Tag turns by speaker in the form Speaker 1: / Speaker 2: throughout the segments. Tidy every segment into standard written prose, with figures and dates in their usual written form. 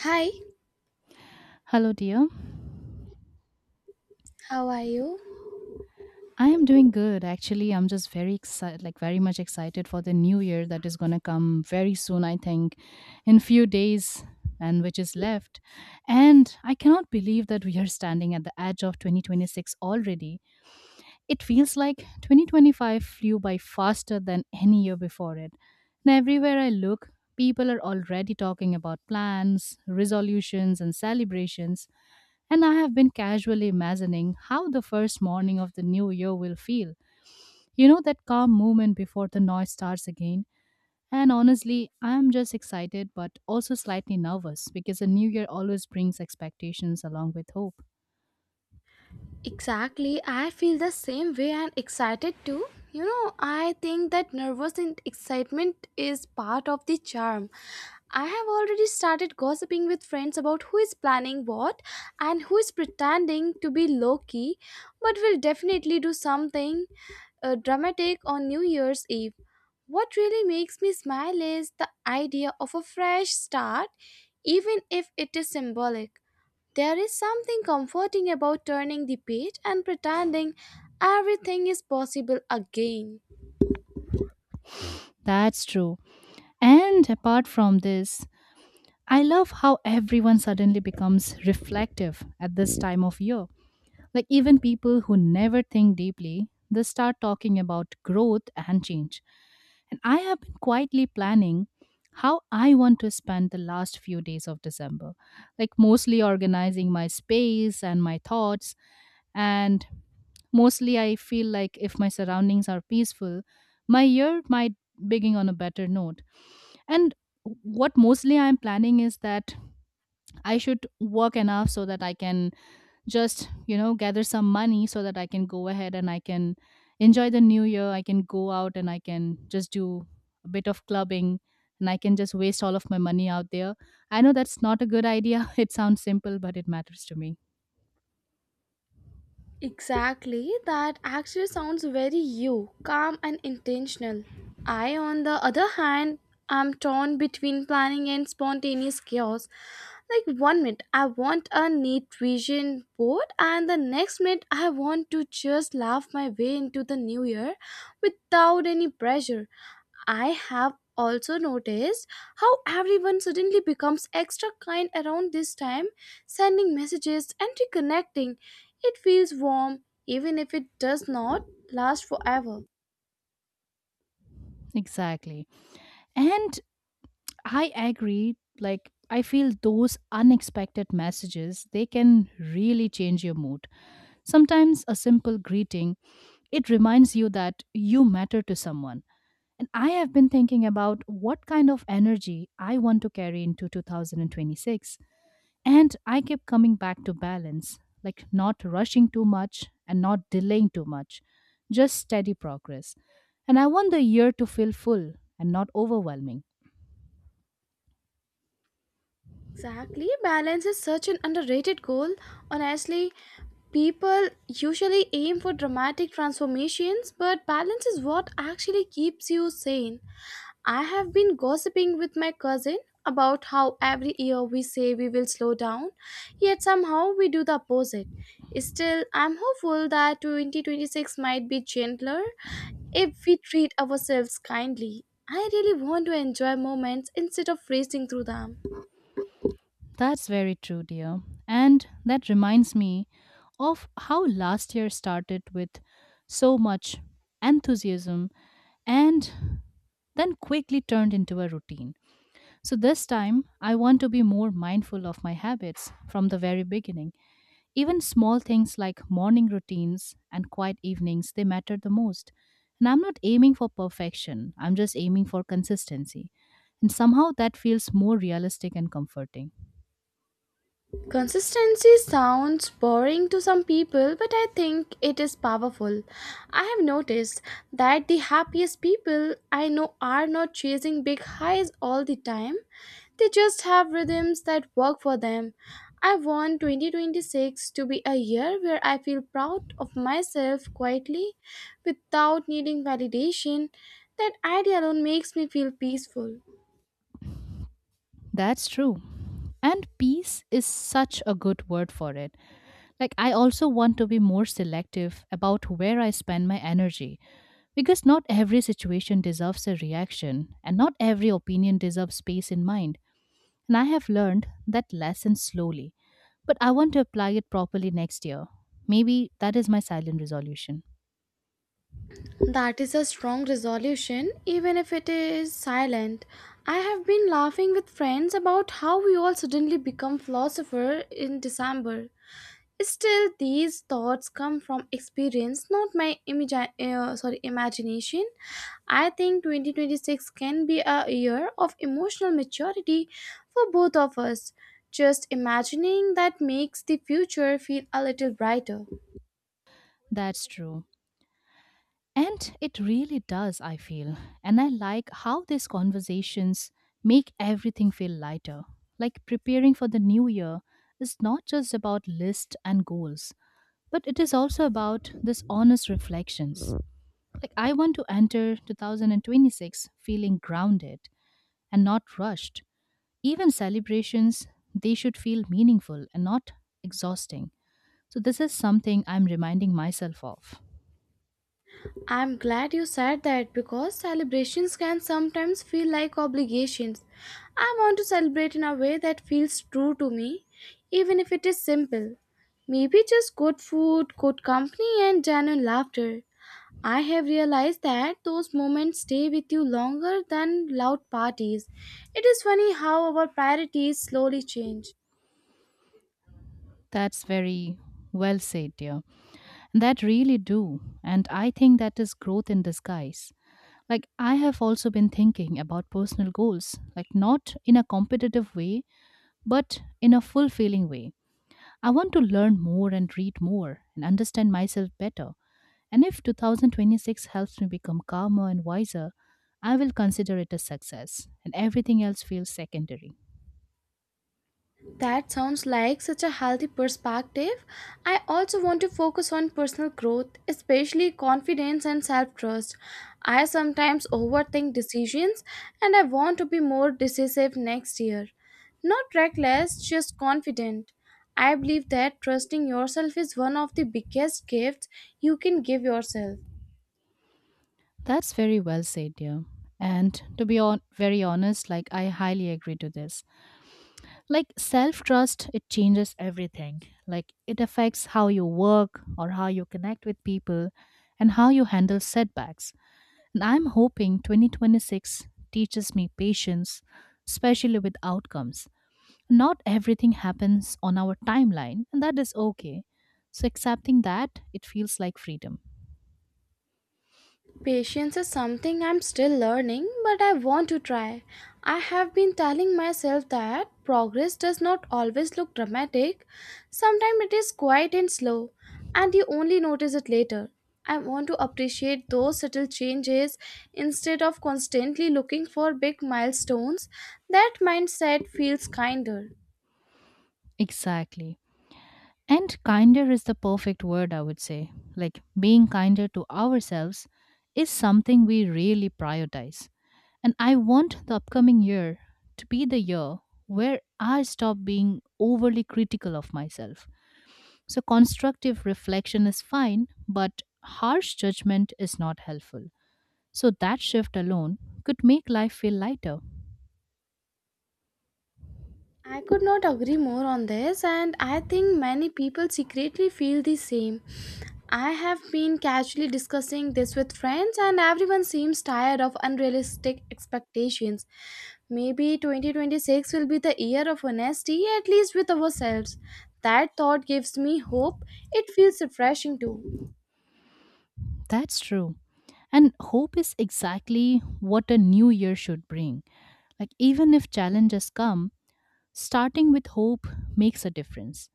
Speaker 1: Hi,
Speaker 2: Hello, dear.
Speaker 1: how are you?
Speaker 2: I am doing good. Actually, I'm just very excited, like very much excited for the new year that is going to come very soon, I think, in few days and which is left. And I cannot believe that we are standing at the edge of 2026 already. It feels like 2025 flew by faster than any year before it. And everywhere I look, people are already talking about plans, resolutions and celebrations. And I have been casually imagining how the first morning of the new year will feel. You know, that calm moment before the noise starts again. And honestly, I am just excited but also slightly nervous because a new year always brings expectations along with hope.
Speaker 1: Exactly, I feel the same way and excited too. You know, I think that nervous and excitement is part of the charm. I have already started gossiping with friends about who is planning what and who is pretending to be low key, but will definitely do something dramatic on New Year's Eve. What really makes me smile is the idea of a fresh start, even if it is symbolic. There is something comforting about turning the page and pretending everything is possible again.
Speaker 2: That's true. And apart from this, I love how everyone suddenly becomes reflective at this time of year. Like even people who never think deeply, they start talking about growth and change. And I have been quietly planning how I want to spend the last few days of December, like mostly organizing my space and my thoughts. And mostly I feel like if my surroundings are peaceful, my year might begin on a better note. And what mostly I'm planning is that I should work enough so that I can just gather some money so that I can go ahead and I can enjoy the new year. I can go out and I can just do a bit of clubbing, and I can just waste all of my money out there. I know that's not a good idea. It sounds simple but it matters to me.
Speaker 1: Exactly, that actually sounds very you, calm and intentional. I, on the other hand, am torn between planning and spontaneous chaos. Like one minute, I want a neat vision board, and the next minute, I want to just laugh my way into the new year without any pressure. I have also noticed how everyone suddenly becomes extra kind around this time, sending messages and reconnecting, it feels warm even if it does not last forever.
Speaker 2: Exactly. And I agree, like I feel those unexpected messages, they can really change your mood. Sometimes a simple greeting, it reminds you that you matter to someone. And I have been thinking about what kind of energy I want to carry into 2026. And I kept coming back to balance, like not rushing too much and not delaying too much, just steady progress. And I want the year to feel full and not overwhelming.
Speaker 1: Exactly, balance is such an underrated goal. Honestly, people usually aim for dramatic transformations, but balance is what actually keeps you sane. I have been gossiping with my cousin about how every year we say we will slow down, yet somehow we do the opposite. Still, I'm hopeful that 2026 might be gentler. If we treat ourselves kindly, I really want to enjoy moments instead of racing through them.
Speaker 2: That's very true, dear. And that reminds me of how last year started with so much enthusiasm and then quickly turned into a routine. So this time, I want to be more mindful of my habits from the very beginning. Even small things like morning routines and quiet evenings, they matter the most. And I'm not aiming for perfection, I'm just aiming for consistency. And somehow that feels more realistic and comforting.
Speaker 1: Consistency sounds boring to some people, but I think it is powerful. I have noticed that the happiest people I know are not chasing big highs all the time, they just have rhythms that work for them. I want 2026 to be a year where I feel proud of myself quietly without needing validation. That idea alone makes me feel peaceful.
Speaker 2: That's true. And peace is such a good word for it. Like, I also want to be more selective about where I spend my energy. Because not every situation deserves a reaction, and not every opinion deserves space in mind. And I have learned that lesson slowly, but I want to apply it properly next year. Maybe that is my silent resolution.
Speaker 1: That is a strong resolution, even if it is silent. I have been laughing with friends about how we all suddenly become philosophers in December. Still, these thoughts come from experience, not my imagi- sorry imagination. I think 2026 can be a year of emotional maturity for both of us. Just imagining that makes the future feel a little brighter.
Speaker 2: That's true. And it really does, I feel. And I like how these conversations make everything feel lighter. Like preparing for the new year is not just about lists and goals, but it is also about this honest reflections. Like I want to enter 2026 feeling grounded and not rushed. Even celebrations, they should feel meaningful and not exhausting. So this is something I'm reminding myself of.
Speaker 1: I'm glad you said that because celebrations can sometimes feel like obligations. I want to celebrate in a way that feels true to me, even if it is simple. Maybe just good food, good company, and genuine laughter. I have realized that those moments stay with you longer than loud parties. It is funny how our priorities slowly change.
Speaker 2: That's very well said, dear. And that really do. And I think that is growth in disguise. Like I have also been thinking about personal goals, like not in a competitive way, but in a fulfilling way. I want to learn more and read more and understand myself better. And if 2026 helps me become calmer and wiser, I will consider it a success, and everything else feels secondary.
Speaker 1: That sounds like such a healthy perspective. I also want to focus on personal growth, especially confidence and self trust. I sometimes overthink decisions and I want to be more decisive next year. Not reckless, just confident. I believe that trusting yourself is one of the biggest gifts you can give yourself.
Speaker 2: That's very well said, dear. And to be on, very honest, like I highly agree to this. Like self trust, it changes everything. Like it affects how you work or how you connect with people and how you handle setbacks. And I'm hoping 2026 teaches me patience, especially with outcomes. Not everything happens on our timeline, and that is okay. So, accepting that, it feels like freedom.
Speaker 1: Patience is something I'm still learning, but I want to try. I have been telling myself that progress does not always look dramatic. Sometimes it is quiet and slow, and you only notice it later. I want to appreciate those subtle changes instead of constantly looking for big milestones. That mindset feels kinder.
Speaker 2: Exactly. And kinder is the perfect word, I would say. Like being kinder to ourselves is something we really prioritize. And I want the upcoming year to be the year where I stop being overly critical of myself. So, constructive reflection is fine, but harsh judgment is not helpful. So, that shift alone could make life feel lighter.
Speaker 1: I could not agree more on this, and I think many people secretly feel the same. I have been casually discussing this with friends, and everyone seems tired of unrealistic expectations. Maybe 2026 will be the year of honesty, at least with ourselves. That thought gives me hope. It feels refreshing too.
Speaker 2: That's true. And hope is exactly what a new year should bring. Like, even if challenges come, starting with hope makes a difference.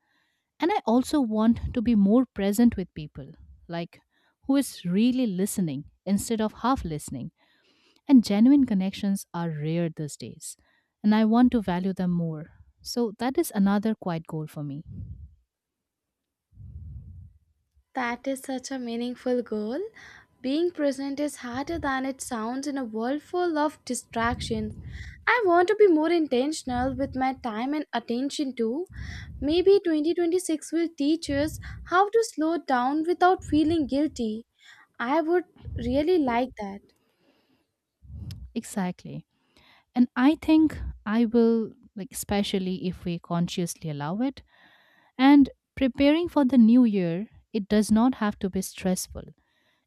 Speaker 2: And I also want to be more present with people, like who is really listening instead of half listening. And genuine connections are rare these days, and I want to value them more. So that is another quiet goal for me.
Speaker 1: That is such a meaningful goal. Being present is harder than it sounds in a world full of distractions. I want to be more intentional with my time and attention too. Maybe 2026 will teach us how to slow down without feeling guilty. I would really like that.
Speaker 2: Exactly. And I think I will, like, especially if we consciously allow it. And preparing for the new year, it does not have to be stressful.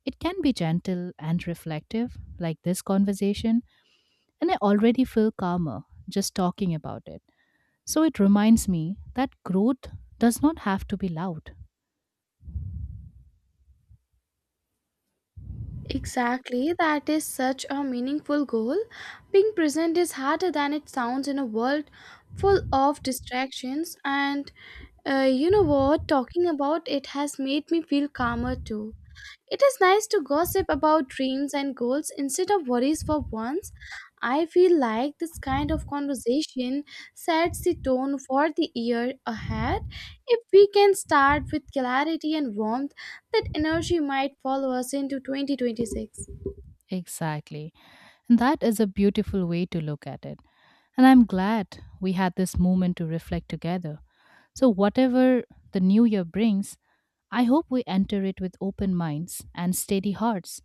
Speaker 2: It can be gentle and reflective, like this conversation, and I already feel calmer just talking about it. So it reminds me that growth does not have to be loud.
Speaker 1: Exactly, that is such a meaningful goal. Being present is harder than it sounds in a world full of distractions, and you know what? Talking about it has made me feel calmer too. It is nice to gossip about dreams and goals instead of worries for once. I feel like this kind of conversation sets the tone for the year ahead. If we can start with clarity and warmth, that energy might follow us into 2026.
Speaker 2: Exactly. And that is a beautiful way to look at it. And I'm glad we had this moment to reflect together. So, whatever the new year brings, I hope we enter it with open minds and steady hearts.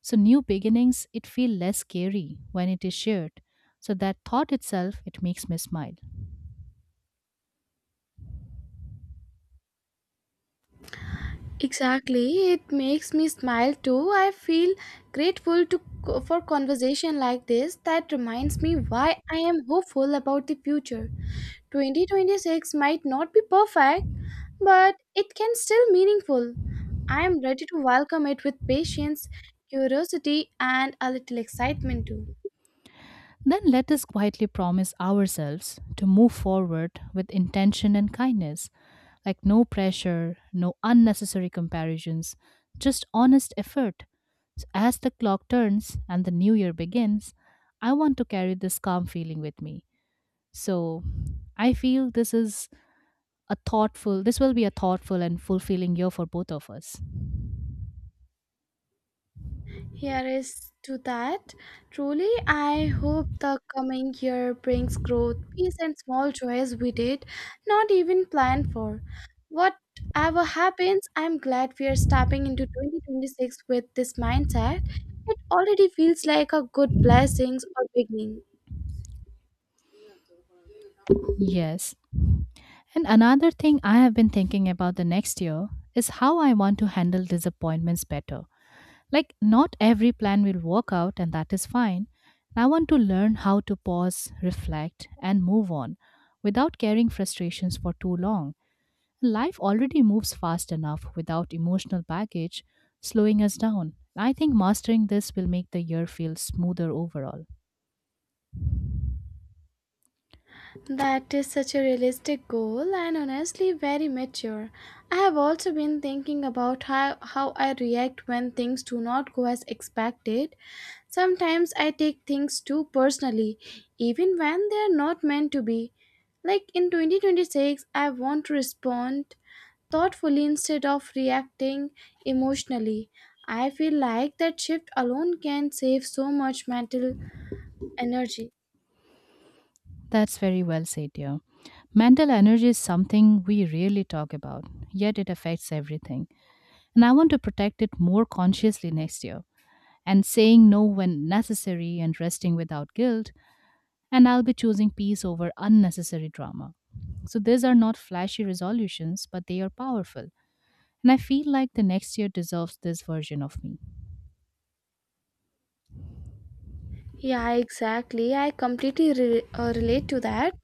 Speaker 2: So, new beginnings, it feel less scary when it is shared. So, that thought itself, it makes me smile.
Speaker 1: Exactly, it makes me smile too. I feel grateful to for conversation like this that reminds me why I am hopeful about the future. 2026 might not be perfect, but it can still meaningful. I am ready to welcome it with patience, curiosity and a little excitement too.
Speaker 2: Then let us quietly promise ourselves to move forward with intention and kindness, like no pressure, no unnecessary comparisons, just honest effort. So as the clock turns and the new year begins, I want to carry this calm feeling with me. So I feel this will be a thoughtful and fulfilling year for both of us.
Speaker 1: Here is to that. Truly, I hope the coming year brings growth, peace, and small joys we did not even plan for. Whatever happens, I'm glad we are stepping into 2026 with this mindset. It already feels like a good blessings or beginning.
Speaker 2: Yes. And another thing I have been thinking about the next year is how I want to handle disappointments better. Like, not every plan will work out, and that is fine. I want to learn how to pause, reflect, and move on without carrying frustrations for too long. Life already moves fast enough without emotional baggage slowing us down. I think mastering this will make the year feel smoother overall.
Speaker 1: That is such a realistic goal and honestly very mature. I have also been thinking about how I react when things do not go as expected. Sometimes I take things too personally, even when they are not meant to be. Like in 2026, I want to respond thoughtfully instead of reacting emotionally. I feel like that shift alone can save so much mental energy.
Speaker 2: That's very well said, dear. Mental energy is something we rarely talk about, yet it affects everything. And I want to protect it more consciously next year. And saying no when necessary and resting without guilt, and I'll be choosing peace over unnecessary drama. So these are not flashy resolutions, but they are powerful. And I feel like the next year deserves this version of me.
Speaker 1: Yeah, exactly. I completely relate to that.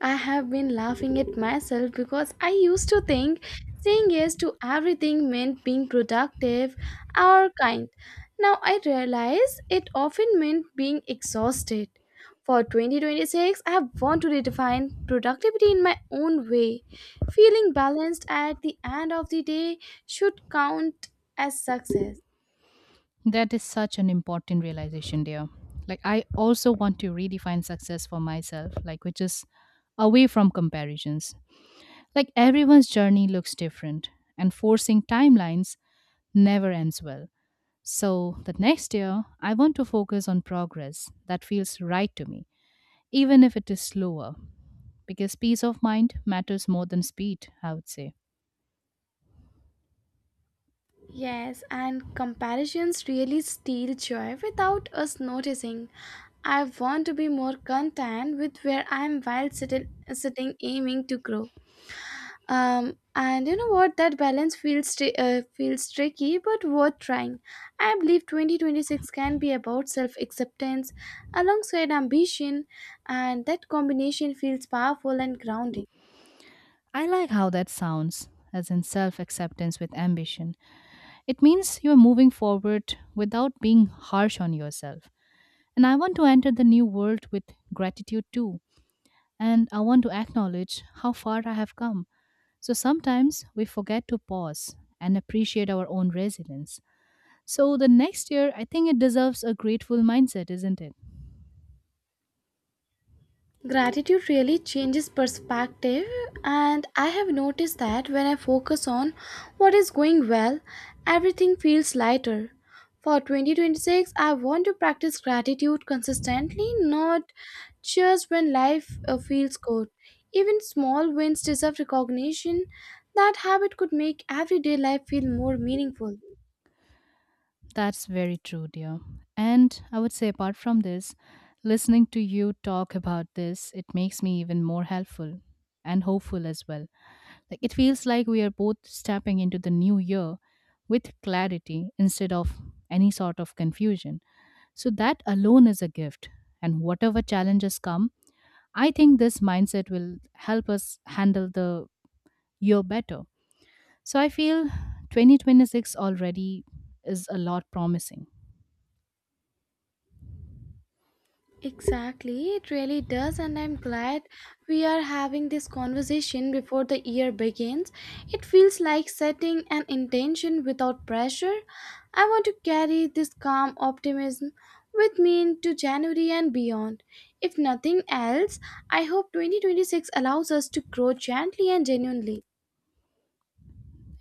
Speaker 1: I have been laughing at myself because I used to think saying yes to everything meant being productive or kind. Now I realize it often meant being exhausted. For 2026, I want to redefine productivity in my own way. Feeling balanced at the end of the day should count as success.
Speaker 2: That is such an important realization, dear. Like, I also want to redefine success for myself, like, which is away from comparisons. Like, everyone's journey looks different, and forcing timelines never ends well. So that next year, I want to focus on progress that feels right to me, even if it is slower. Because peace of mind matters more than speed, I would say.
Speaker 1: Yes, and comparisons really steal joy without us noticing. I want to be more content with where I am while sitting aiming to grow. And you know what? That balance feels tricky, but worth trying. I believe 2026 can be about self acceptance alongside ambition, and that combination feels powerful and grounding.
Speaker 2: I like how that sounds, as in self acceptance with ambition. It means you are moving forward without being harsh on yourself. And I want to enter the new world with gratitude too. And I want to acknowledge how far I have come. So sometimes we forget to pause and appreciate our own resilience. So the next year, I think it deserves a grateful mindset, isn't it?
Speaker 1: Gratitude really changes perspective, and I have noticed that when I focus on what is going well, everything feels lighter. For 2026, I want to practice gratitude consistently, not just when life feels good. Even small wins deserve recognition. That habit could make everyday life feel more meaningful.
Speaker 2: That's very true, dear. And I would say, apart from this, listening to you talk about this, it makes me even more helpful and hopeful as well. Like it feels like we are both stepping into the new year with clarity instead of any sort of confusion. So that alone is a gift. And whatever challenges come, I think this mindset will help us handle the year better. So I feel 2026 already is a lot promising.
Speaker 1: Exactly, it really does, and I'm glad we are having this conversation before the year begins. It feels like setting an intention without pressure. I want to carry this calm optimism with me into January and beyond. If nothing else, I hope 2026 allows us to grow gently and genuinely.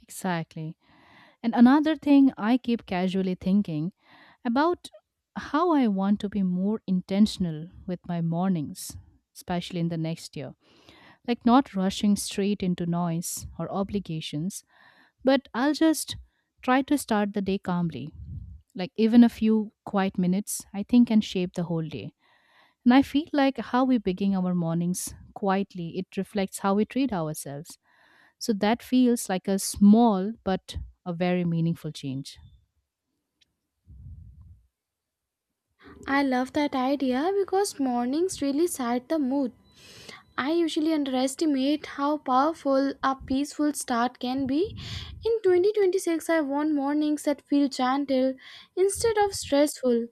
Speaker 2: Exactly. And another thing I keep casually thinking about how I want to be more intentional with my mornings, especially in the next year. Like not rushing straight into noise or obligations, but I'll just try to start the day calmly. Like even a few quiet minutes, I think can shape the whole day. And I feel like how we begin our mornings quietly, it reflects how we treat ourselves. So that feels like a small but a very meaningful change.
Speaker 1: I love that idea because mornings really set the mood. I usually underestimate how powerful a peaceful start can be. In 2026, I want mornings that feel gentle instead of stressful,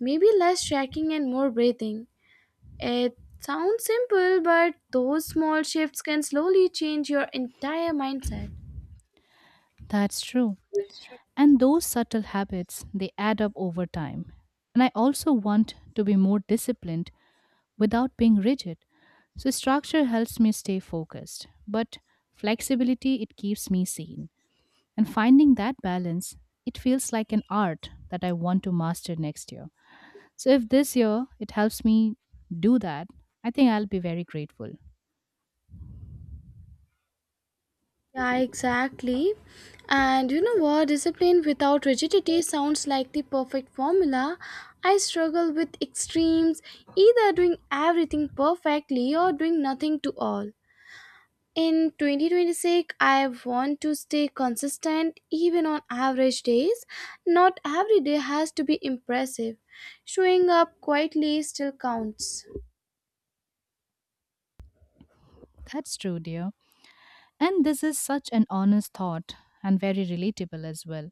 Speaker 1: maybe less shaking and more breathing. It sounds simple, but those small shifts can slowly change your entire mindset.
Speaker 2: That's true. And those subtle habits, they add up over time. And I also want to be more disciplined without being rigid. So structure helps me stay focused, but flexibility it keeps me sane. And finding that balance, it feels like an art that I want to master next year. So if this year it helps me do that, I think I'll be very grateful.
Speaker 1: Yeah, exactly. And you know what? Discipline without rigidity sounds like the perfect formula. I struggle with extremes, either doing everything perfectly or doing nothing to all. In 2026, I want to stay consistent even on average days. Not every day has to be impressive. Showing up quietly still counts.
Speaker 2: That's true, dear. And this is such an honest thought and very relatable as well.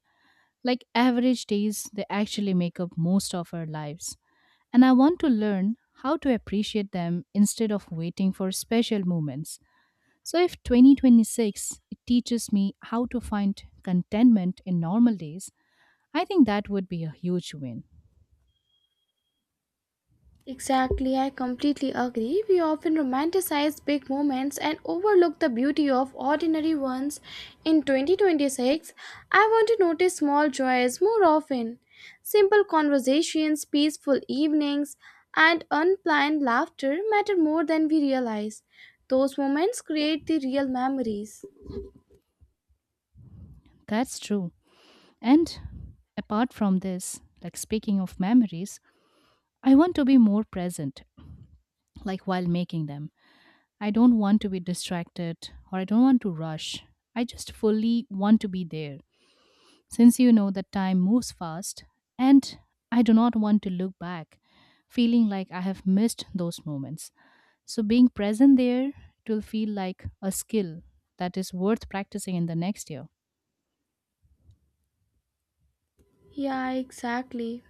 Speaker 2: Like average days, they actually make up most of our lives. And I want to learn how to appreciate them instead of waiting for special moments. So if 2026 it teaches me how to find contentment in normal days, I think that would be a huge win.
Speaker 1: Exactly, I completely agree. We often romanticize big moments and overlook the beauty of ordinary ones. In 2026, I want to notice small joys more often. Simple conversations, peaceful evenings, and unplanned laughter matter more than we realize. Those moments create the real memories.
Speaker 2: That's true. And apart from this, like speaking of memories, I want to be more present, like while making them. I don't want to be distracted or I don't want to rush. I just fully want to be there. Since you know that time moves fast, and I do not want to look back, feeling like I have missed those moments. So being present there, it will feel like a skill that is worth practicing in the next year.
Speaker 1: Yeah, exactly.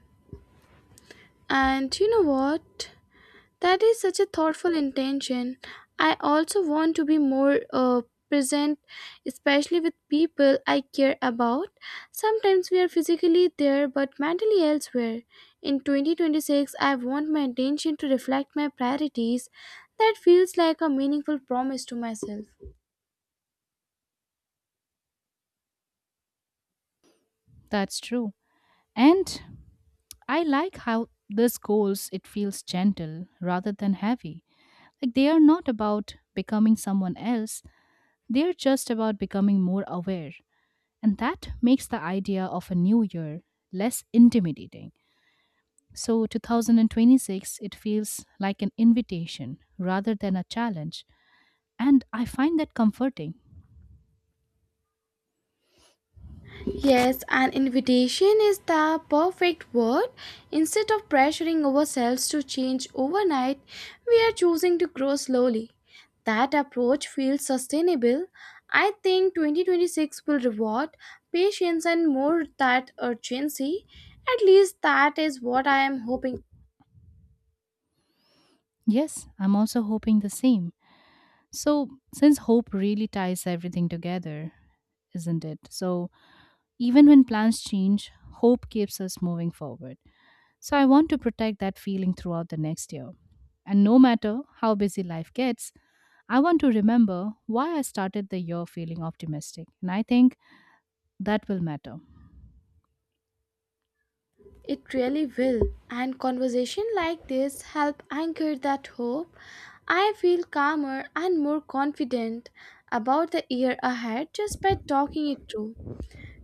Speaker 1: And you know what? That is such a thoughtful intention. I also want to be more present, especially with people I care about. Sometimes we are physically there but mentally elsewhere. In 2026, I want my intention to reflect my priorities. That feels like a meaningful promise to myself.
Speaker 2: That's true. And I like how this goals it feels gentle rather than heavy. Like they are not about becoming someone else, they're just about becoming more aware. And that makes the idea of a new year less intimidating. So 2026 it feels like an invitation rather than a challenge, and I find that comforting.
Speaker 1: Yes, an invitation is the perfect word. Instead of pressuring ourselves to change overnight, we are choosing to grow slowly. That approach feels sustainable. I think 2026 will reward patience and more that urgency. At least that is what I am hoping.
Speaker 2: Yes, I'm also hoping the same. So since hope really ties everything together, isn't it? So even when plans change, hope keeps us moving forward. So I want to protect that feeling throughout the next year. And no matter how busy life gets, I want to remember why I started the year feeling optimistic. And I think that will matter.
Speaker 1: It really will, and conversation like this help anchor that hope. I feel calmer and more confident about the year ahead just by talking it through.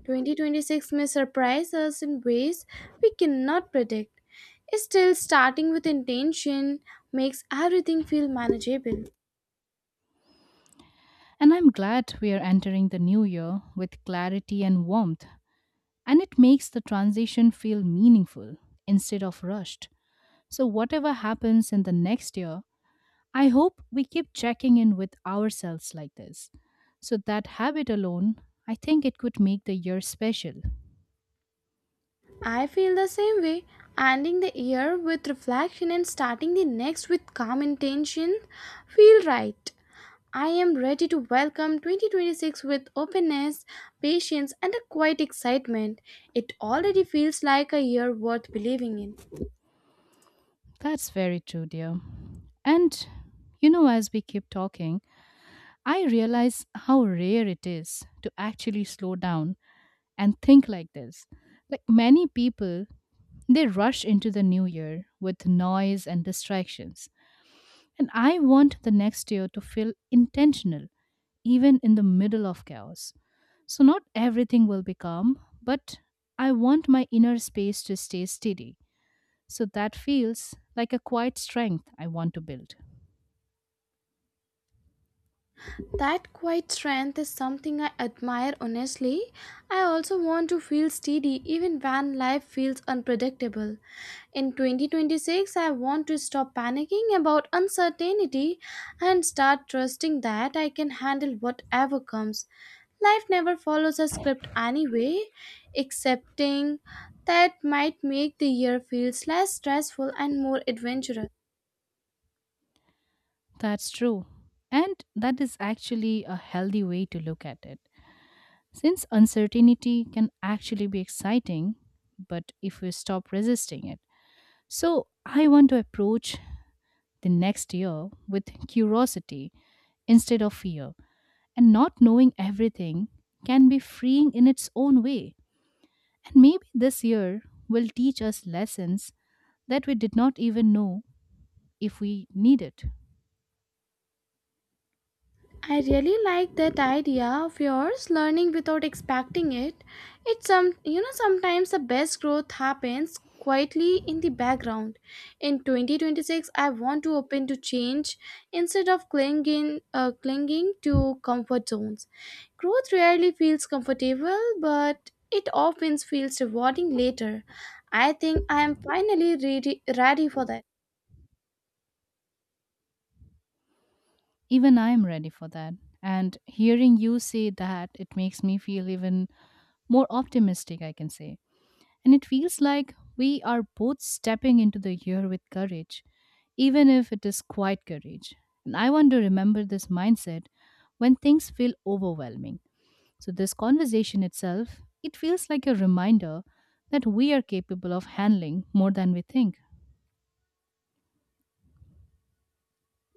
Speaker 1: 2026 may surprise us in ways we cannot predict. Still, starting with intention makes everything feel manageable.
Speaker 2: And I'm glad we are entering the new year with clarity and warmth. And it makes the transition feel meaningful instead of rushed. So whatever happens in the next year, I hope we keep checking in with ourselves like this. So that habit alone, I think it could make the year special.
Speaker 1: I feel the same way. Ending the year with reflection and starting the next with calm intention feel right. I am ready to welcome 2026 with openness, patience, and a quiet excitement. It already feels like a year worth believing in.
Speaker 2: That's very true, dear. And you know, as we keep talking, I realize how rare it is to actually slow down and think like this. Like many people, they rush into the new year with noise and distractions. And I want the next year to feel intentional even in the middle of chaos. So not everything will be calm, but I want my inner space to stay steady. So that feels like a quiet strength I want to build.
Speaker 1: That quiet strength is something I admire honestly. I also want to feel steady even when life feels unpredictable. In 2026, I want to stop panicking about uncertainty and start trusting that I can handle whatever comes. Life never follows a script anyway, accepting that might make the year feels less stressful and more adventurous.
Speaker 2: That's true. And that is actually a healthy way to look at it. Since uncertainty can actually be exciting, but if we stop resisting it. So I want to approach the next year with curiosity instead of fear, and not knowing everything can be freeing in its own way. And maybe this year will teach us lessons that we did not even know if we needed.
Speaker 1: I really like that idea of yours learning without expecting it. It's some you know Sometimes the best growth happens quietly in the background. In 2026 I want to open to change instead of clinging to comfort zones. Growth rarely feels comfortable but it often feels rewarding later. I think I am finally ready for that.
Speaker 2: Even I am ready for that. And hearing you say that, it makes me feel even more optimistic, I can say. And it feels like we are both stepping into the year with courage, even if it is quiet courage. And I want to remember this mindset when things feel overwhelming. So this conversation itself, it feels like a reminder that we are capable of handling more than we think.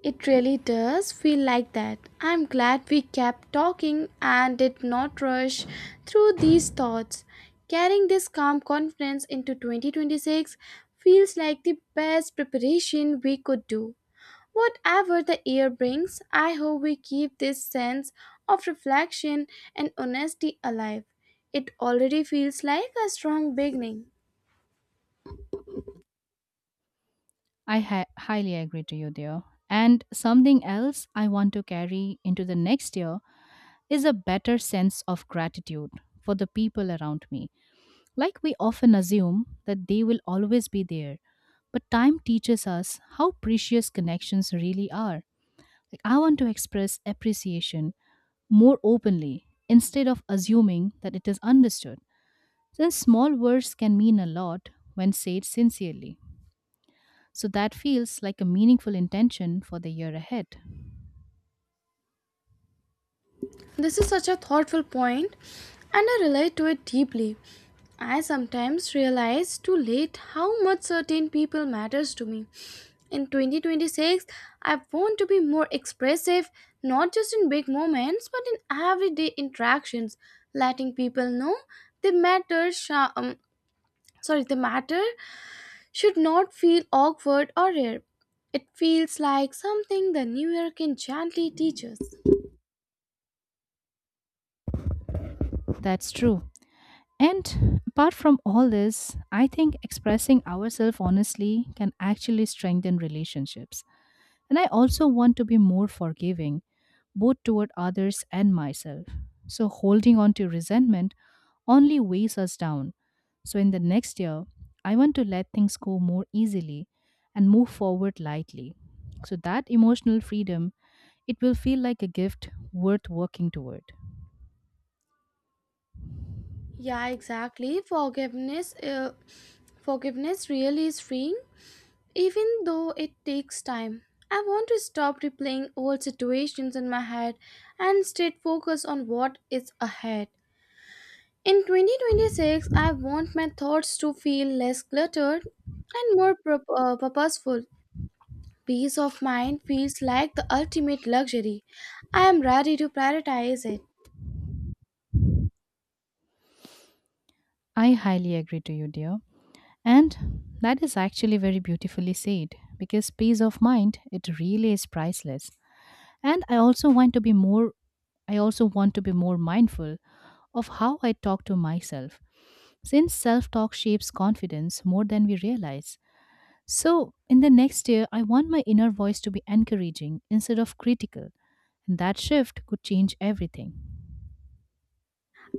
Speaker 1: It really does feel like that. I'm glad we kept talking and did not rush through these thoughts. Carrying this calm confidence into 2026 feels like the best preparation we could do. Whatever the year brings, I hope we keep this sense of reflection and honesty alive. It already feels like a strong beginning.
Speaker 2: I highly agree to you there. And something else I want to carry into the next year is a better sense of gratitude for the people around me. Like we often assume that they will always be there, but time teaches us how precious connections really are. Like I want to express appreciation more openly instead of assuming that it is understood. Since small words can mean a lot when said sincerely. So that feels like a meaningful intention for the year ahead.
Speaker 1: This is such a thoughtful point, and I relate to it deeply. I sometimes realize too late how much certain people matters to me. In 2026, I want to be more expressive, not just in big moments, but in everyday interactions, letting people know they matter. The matter should not feel awkward or rare. It feels like something the new year can gently teach us.
Speaker 2: That's true. And apart from all this, I think expressing ourselves honestly can actually strengthen relationships. And I also want to be more forgiving, both toward others and myself. So holding on to resentment only weighs us down. So in the next year, I want to let things go more easily and move forward lightly. So that emotional freedom, it will feel like a gift worth working toward.
Speaker 1: Yeah, exactly. Forgiveness really is freeing, even though it takes time. I want to stop replaying old situations in my head and instead focus on what is ahead. In 2026, I want my thoughts to feel less cluttered and more purposeful. Peace of mind feels like the ultimate luxury. I am ready to prioritize it.
Speaker 2: I highly agree to you, dear. And that is actually very beautifully said because peace of mind, it really is priceless. And I also want to be more mindful of how I talk to myself, since self talk shapes confidence more than we realize. So in the next year, I want my inner voice to be encouraging instead of critical, and that shift could change everything.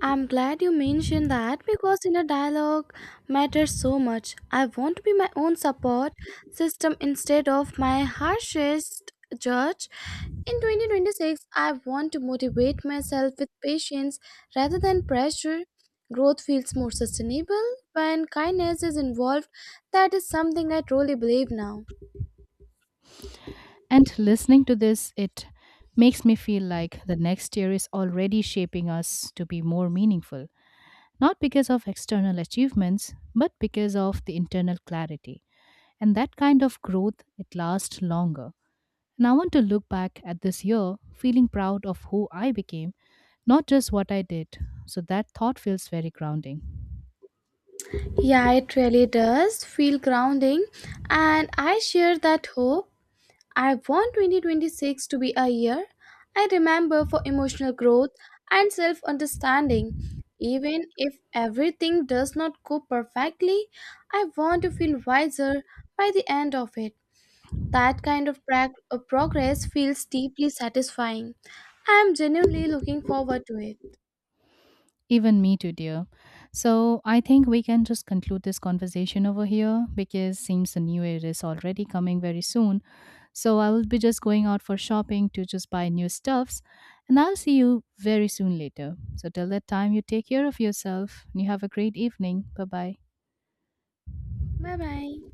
Speaker 1: I'm glad you mentioned that because inner dialogue matters so much. I want to be my own support system instead of my harshest judge. In 2026, I want to motivate myself with patience rather than pressure. Growth feels more sustainable when kindness is involved. That is something I truly believe now.
Speaker 2: And listening to this, it makes me feel like the next year is already shaping us to be more meaningful, not because of external achievements, but because of the internal clarity. And that kind of growth, it lasts longer. And I want to look back at this year feeling proud of who I became, not just what I did. So that thought feels very grounding.
Speaker 1: Yeah, it really does feel grounding, and I share that hope. I want 2026 to be a year I remember for emotional growth and self understanding. Even if everything does not go perfectly, I want to feel wiser by the end of it. That kind of progress feels deeply satisfying. I am genuinely looking forward to it.
Speaker 2: Even me too, dear. So I think we can just conclude this conversation over here because seems the new year is already coming very soon. So I will be just going out for shopping to just buy new stuffs, and I'll see you very soon later. So till that time you take care of yourself and you have a great evening. Bye bye.
Speaker 1: Bye bye.